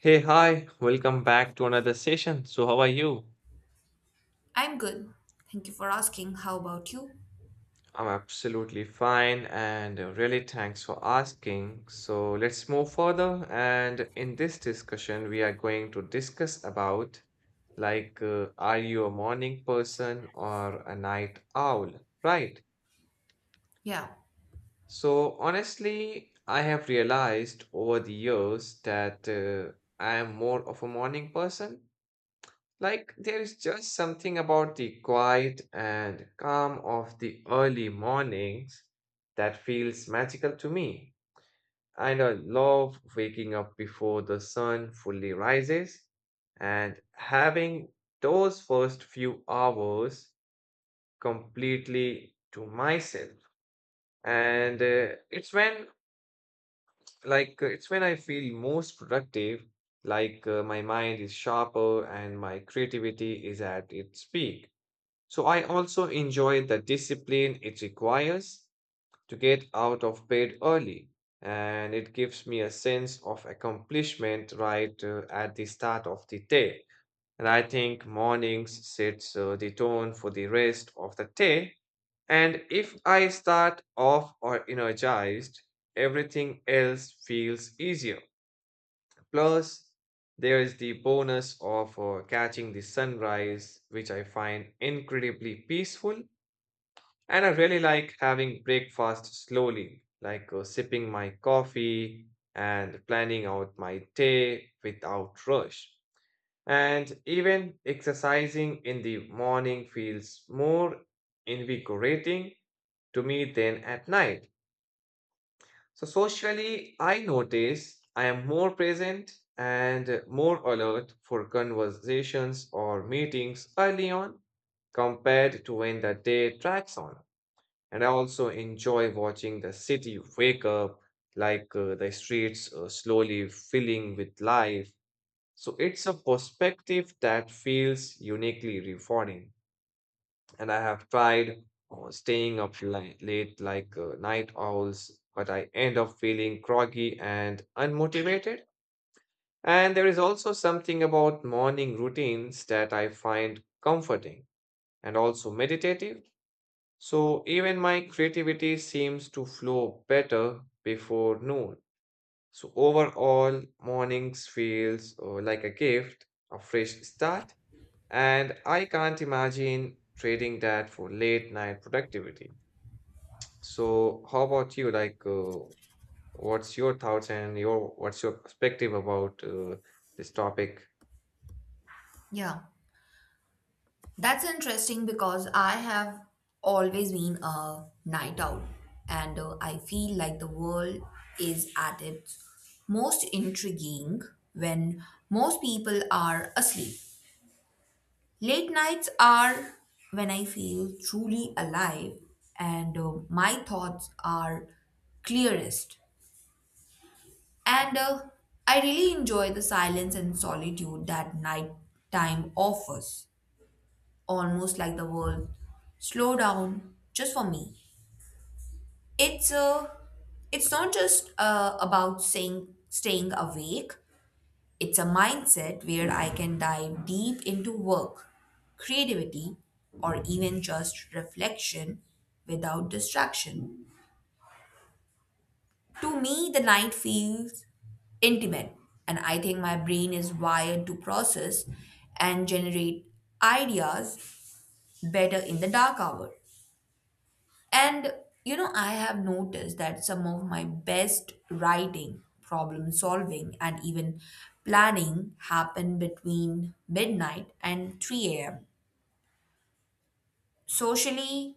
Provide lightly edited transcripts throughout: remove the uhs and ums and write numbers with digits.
Hey, hi, welcome back to another session. So, how are you? I'm good. Thank you for asking. How about you? I'm absolutely fine and really thanks for asking. So, let's move further. And in this discussion, we are going to discuss about are you a morning person or a night owl? Right. Yeah, So, honestly, I have realized over the years that I am more of a morning person. Like, there is just something about the quiet and calm of the early mornings that feels magical to me. And I love waking up before the sun fully rises and having those first few hours completely to myself. And it's when I feel most productive, my mind is sharper and my creativity is at its peak. So I also enjoy the discipline it requires to get out of bed early, and it gives me a sense of accomplishment right at the start of the day. And I think mornings sets the tone for the rest of the day. And if I start off or energized, everything else feels easier. Plus, there is the bonus of catching the sunrise, which I find incredibly peaceful, and I really like having breakfast slowly, like sipping my coffee and planning out my day without rush. And even exercising in the morning feels more invigorating to me than at night. So, socially, I notice I am more present and more alert for conversations or meetings early on compared to when the day drags on. And I also enjoy watching the city wake up, like the streets slowly filling with life. So it's a perspective that feels uniquely rewarding. And I have tried staying up late like night owls, but I end up feeling groggy and unmotivated. And there is also something about morning routines that I find comforting and also meditative, so even my creativity seems to flow better before noon. So overall, mornings feels like a gift, a fresh start, and I can't imagine trading that for late night productivity. So how about you? Like, what's your thoughts and your what's your perspective about this topic? yeah. That's interesting because I have always been a night owl, and I feel like the world is at its most intriguing when most people are asleep. Late nights are when I feel truly alive, and my thoughts are clearest. And I really enjoy the silence and solitude that nighttime offers, almost like the world slow down just for me. It's uh, it's not just about saying staying awake. It's a mindset where I can dive deep into work, creativity, or even just reflection without distraction. To me, the night feels intimate, and I think my brain is wired to process and generate ideas better in the dark hour. And you know, I have noticed that some of my best writing, problem solving, and even planning happen between midnight and 3 a.m. Socially,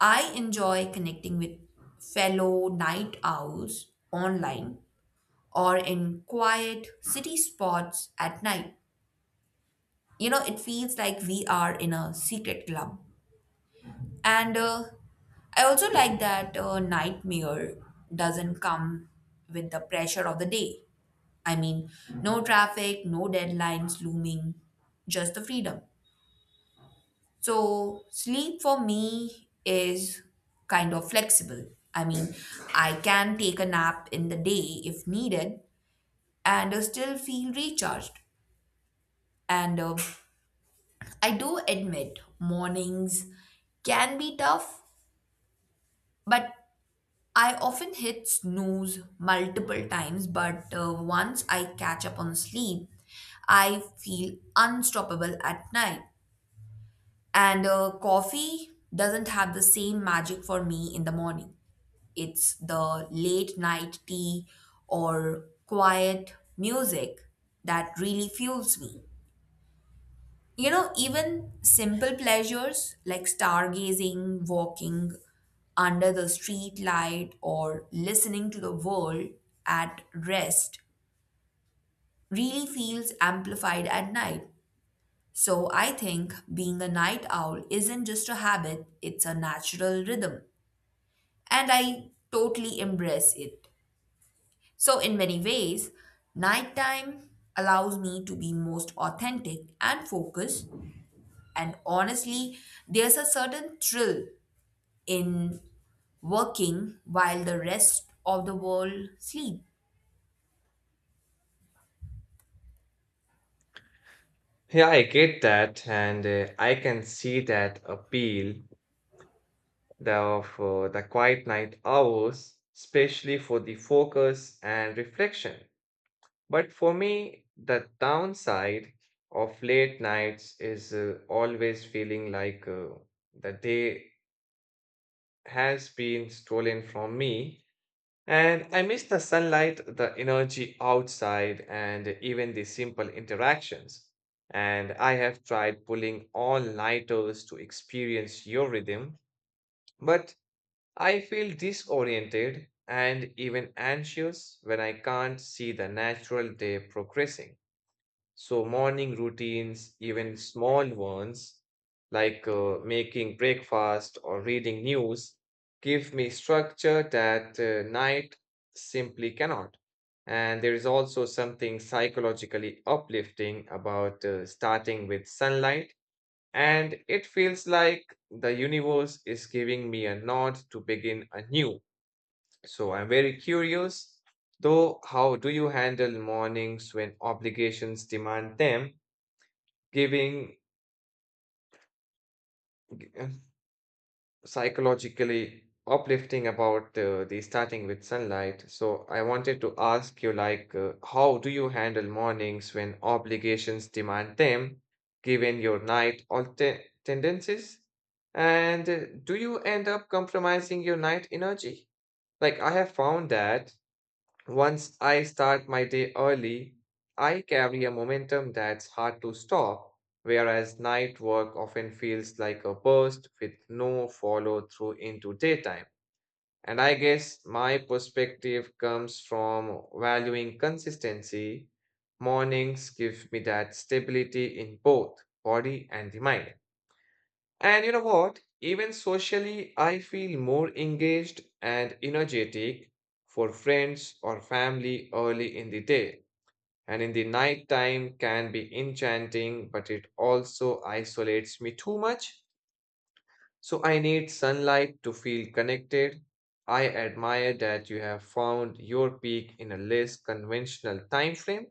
I enjoy connecting with fellow night owls online or in quiet city spots at night. You know, it feels like we are in a secret club. And I also like that nightmare doesn't come with the pressure of the day. I mean, no traffic, no deadlines looming, just the freedom. So, sleep for me is kind of flexible. I mean, I can take a nap in the day if needed, and still feel recharged. And I do admit mornings can be tough, but I often hit snooze multiple times. But once I catch up on sleep, I feel unstoppable at night. And Coffee doesn't have the same magic for me in the morning. It's the late night tea or quiet music that really fuels me. You know, even simple pleasures like stargazing, walking under the street light, or listening to the world at rest really feels amplified at night. So I think being a night owl isn't just a habit, it's a natural rhythm. And I totally embrace it. So, in many ways, nighttime allows me to be most authentic and focused. And honestly, there's a certain thrill in working while the rest of the world sleep. Yeah, I get that, and I can see that appeal, the quiet night hours, especially for the focus and reflection. But for me, the downside of late nights is always feeling like the day has been stolen from me. And I miss the sunlight, the energy outside, and even the simple interactions. And I have tried pulling all nighters to experience your rhythm, but I feel disoriented and even anxious when I can't see the natural day progressing. So, morning routines, even small ones like making breakfast or reading news, give me structure that night simply cannot. And there is also something psychologically uplifting about starting with sunlight, and it feels like the universe is giving me a nod to begin anew. So I'm very curious, though, how do you handle mornings when obligations demand them, giving psychologically uplifting about the starting with sunlight. So I wanted to ask you like how do you handle mornings when obligations demand them given your tendencies? And do you end up compromising your night energy? Like I have found that once I start my day early, I carry a momentum that's hard to stop, whereas night work often feels like a burst with no follow through into daytime. And I guess my perspective comes from valuing consistency. Mornings give me that stability in both body and the mind. And you know what? Even socially, I feel more engaged and energetic for friends or family early in the day. And in the night time can be enchanting, but it also isolates me too much. So I need sunlight to feel connected. I admire that you have found your peak in a less conventional time frame,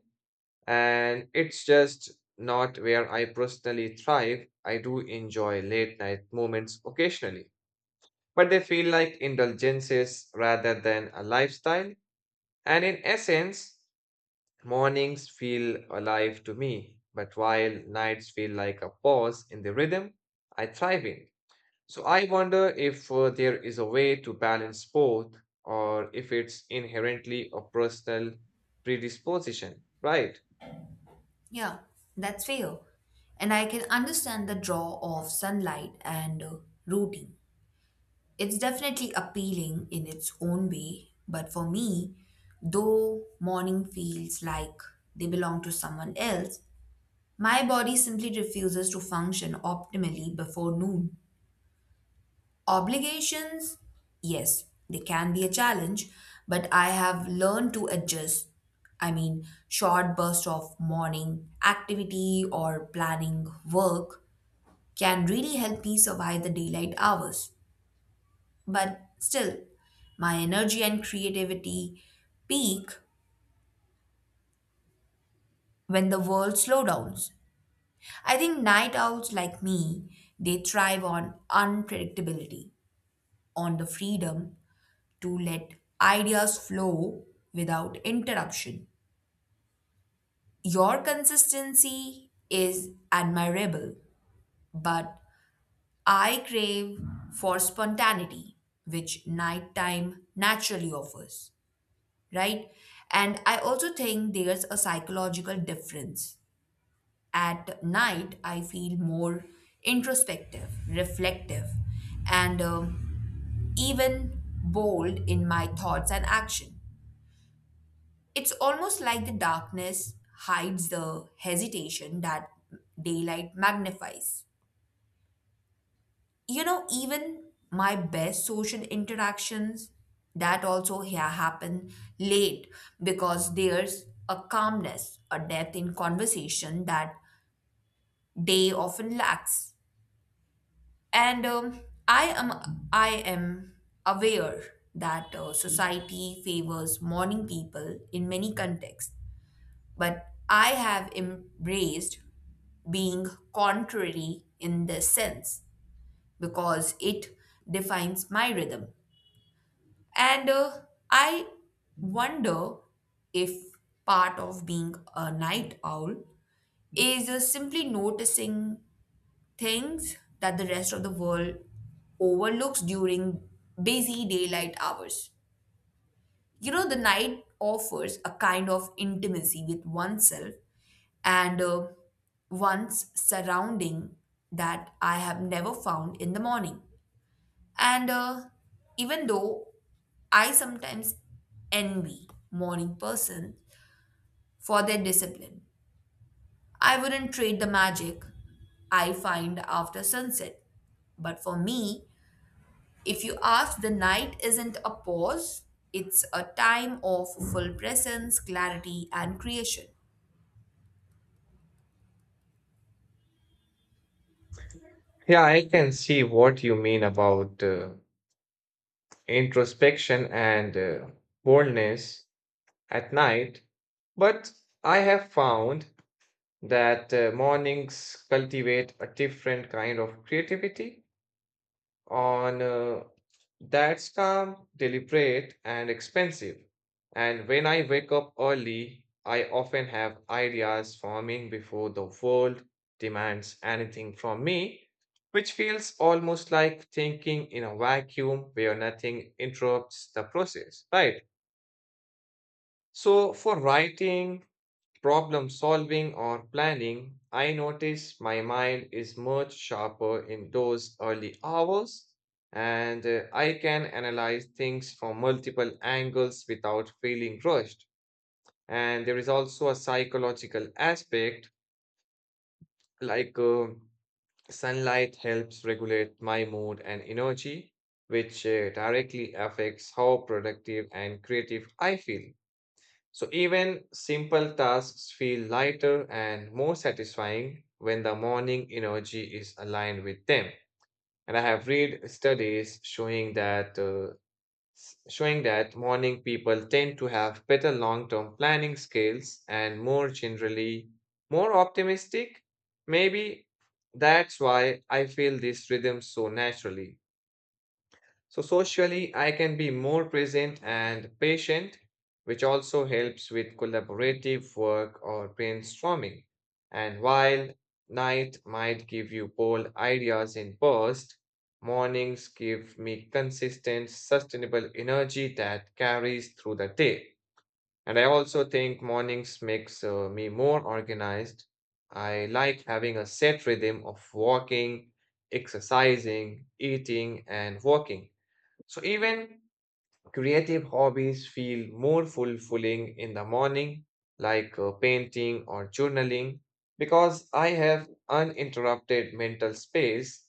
and it's just not where I personally thrive. I do enjoy late night moments occasionally, but they feel like indulgences rather than a lifestyle. And in essence, mornings feel alive to me, but while nights feel like a pause in the rhythm I thrive in. So I wonder if there is a way to balance both, or if it's inherently a personal predisposition, right? Yeah, that's fair. And I can understand the draw of sunlight and routine. It's definitely appealing in its own way, but for me, though morning feels like they belong to someone else, my body simply refuses to function optimally before noon. Obligations, yes, they can be a challenge, but I have learned to adjust. I mean, short bursts of morning activity or planning work can really help me survive the daylight hours. But still, my energy and creativity peak when the world slow downs. I think night owls like me, they thrive on unpredictability, on the freedom to let ideas flow without interruption. Your consistency is admirable, but I crave for spontaneity, which nighttime naturally offers, right? And I also think there's a psychological difference. At night, I feel more introspective, reflective, and even bold in my thoughts and action. It's almost like the darkness hides the hesitation that daylight magnifies. You know, even my best social interactions happen late because there's a calmness, a depth in conversation that day often lacks. And I am I am aware that society favors morning people in many contexts, but I have embraced being contrary in this sense because it defines my rhythm. And I wonder if part of being a night owl is simply noticing things that the rest of the world overlooks during busy daylight hours. You know, the night offers a kind of intimacy with oneself and once surrounding that I have never found in the morning. And Even though I sometimes envy morning person for their discipline, I wouldn't trade the magic I find after sunset. But for me, if you ask, the night isn't a pause, it's a time of full presence, clarity, and creation. Yeah, I can see what you mean about introspection and boldness at night. But I have found that mornings cultivate a different kind of creativity on that's calm, deliberate, and expensive. And when I wake up early, I often have ideas forming before the world demands anything from me, which feels almost like thinking in a vacuum where nothing interrupts the process, right? So, for writing, problem solving or planning, I notice my mind is much sharper in those early hours, and I can analyze things from multiple angles without feeling rushed. And there is also a psychological aspect like sunlight helps regulate my mood and energy, which directly affects how productive and creative I feel. So even simple tasks feel lighter and more satisfying when the morning energy is aligned with them. And I have read studies showing that showing that morning people tend to have better long-term planning skills and more generally more optimistic. Maybe that's why I feel this rhythm so naturally. So, socially, I can be more present and patient, which also helps with collaborative work or brainstorming. And while night might give you bold ideas in bursts, mornings give me consistent, sustainable energy that carries through the day. And I also think mornings makes me more organized. I like having a set rhythm of walking, exercising, eating, and working, so even creative hobbies feel more fulfilling in the morning, like painting or journaling, because I have uninterrupted mental space.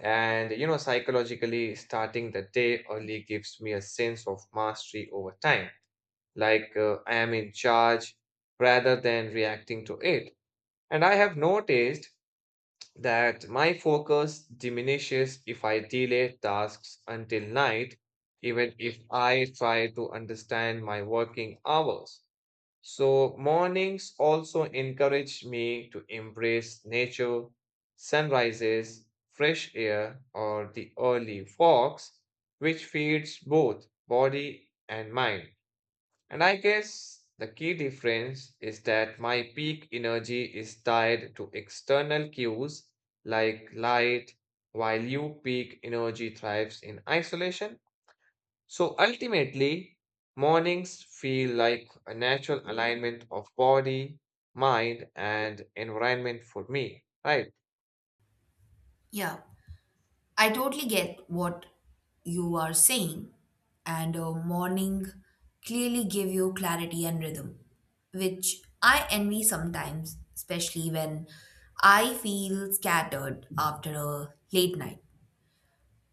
And you know, psychologically, starting the day early gives me a sense of mastery over time, like I am in charge rather than reacting to it. And I have noticed that my focus diminishes if I delay tasks until night, even if I try to understand my working hours. So, mornings also encourage me to embrace nature, sunrises, fresh air, or the early walks, which feeds both body and mind. And I guess the key difference is that my peak energy is tied to external cues like light, while you peak energy thrives in isolation. So ultimately, mornings feel like a natural alignment of body, mind, and environment for me, right? Yeah. I totally get what you are saying, and a morning clearly give you clarity and rhythm, which I envy sometimes, especially when I feel scattered after a late night.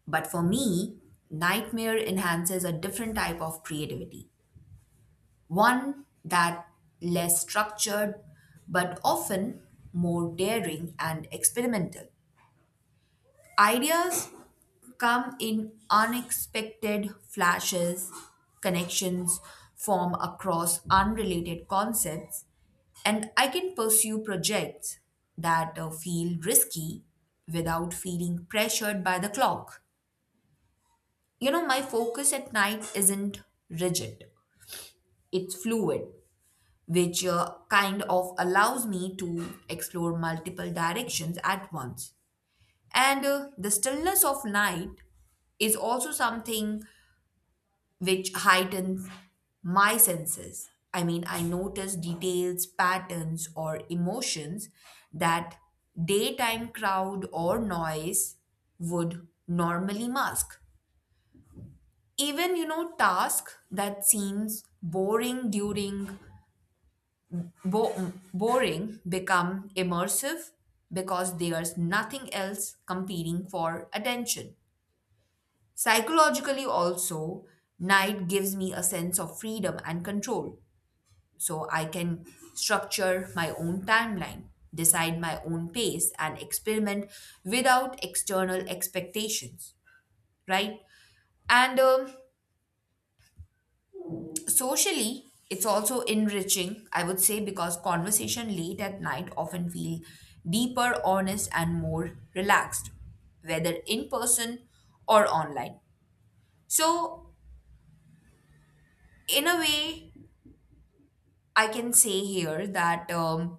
But for me, nightmare enhances a different type of creativity, one that less structured, but often more daring and experimental. Ideas come in unexpected flashes, connections form across unrelated concepts, and I can pursue projects that feel risky without feeling pressured by the clock. You know, my focus at night isn't rigid, it's fluid, which kind of allows me to explore multiple directions at once. And The stillness of night is also something which heightens my senses. I mean, I notice details, patterns, or emotions that daytime crowd or noise would normally mask. Even, you know, task that seems boring during boring become immersive because there's nothing else competing for attention. Psychologically, also, night gives me a sense of freedom and control. So I can structure my own timeline, decide my own pace, and experiment without external expectations, right? And Socially, it's also enriching, I would say, because conversation late at night often feel deeper, honest, and more relaxed, whether in person or online. So, in a way, I can say here that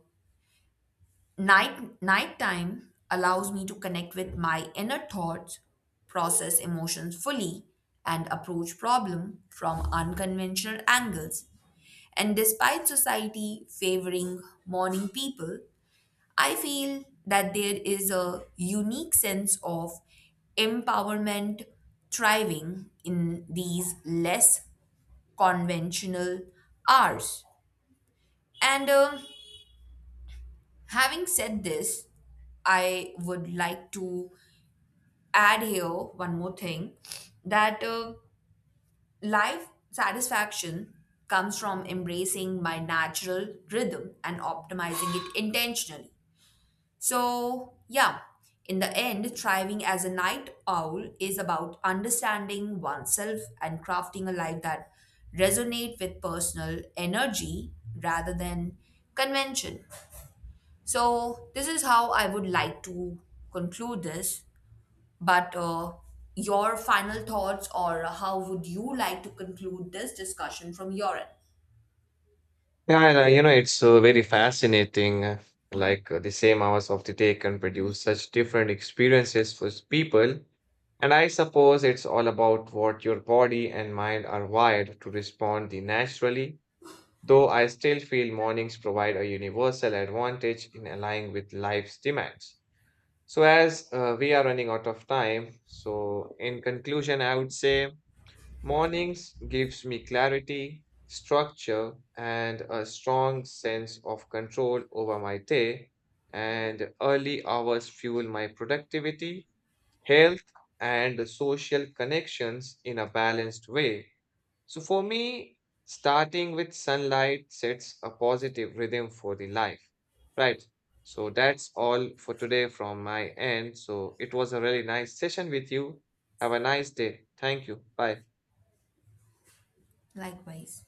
nighttime allows me to connect with my inner thoughts, process emotions fully, and approach problem from unconventional angles. And despite society favoring morning people, I feel that there is a unique sense of empowerment thriving in these less conventional hours. And Having said this, I would like to add here one more thing that life satisfaction comes from embracing my natural rhythm and optimizing it intentionally. So, yeah, in the end, thriving as a night owl is about understanding oneself and crafting a life that resonate with personal energy rather than convention. So, this is how I would like to conclude this. But your final thoughts, or how would you like to conclude this discussion from your end? Yeah, and, you know, it's very fascinating. The same hours of the day can produce such different experiences for people. And I suppose it's all about what your body and mind are wired to respond the naturally, though I still feel mornings provide a universal advantage in aligning with life's demands. So as we are running out of time, so in conclusion, I would say mornings gives me clarity, structure, and a strong sense of control over my day, and early hours fuel my productivity, health, and social connections in a balanced way. So for me, starting with sunlight sets a positive rhythm for the life. Right. So that's all for today from my end. So it was a really nice session with you. Have a nice day. Thank you. Bye. Likewise.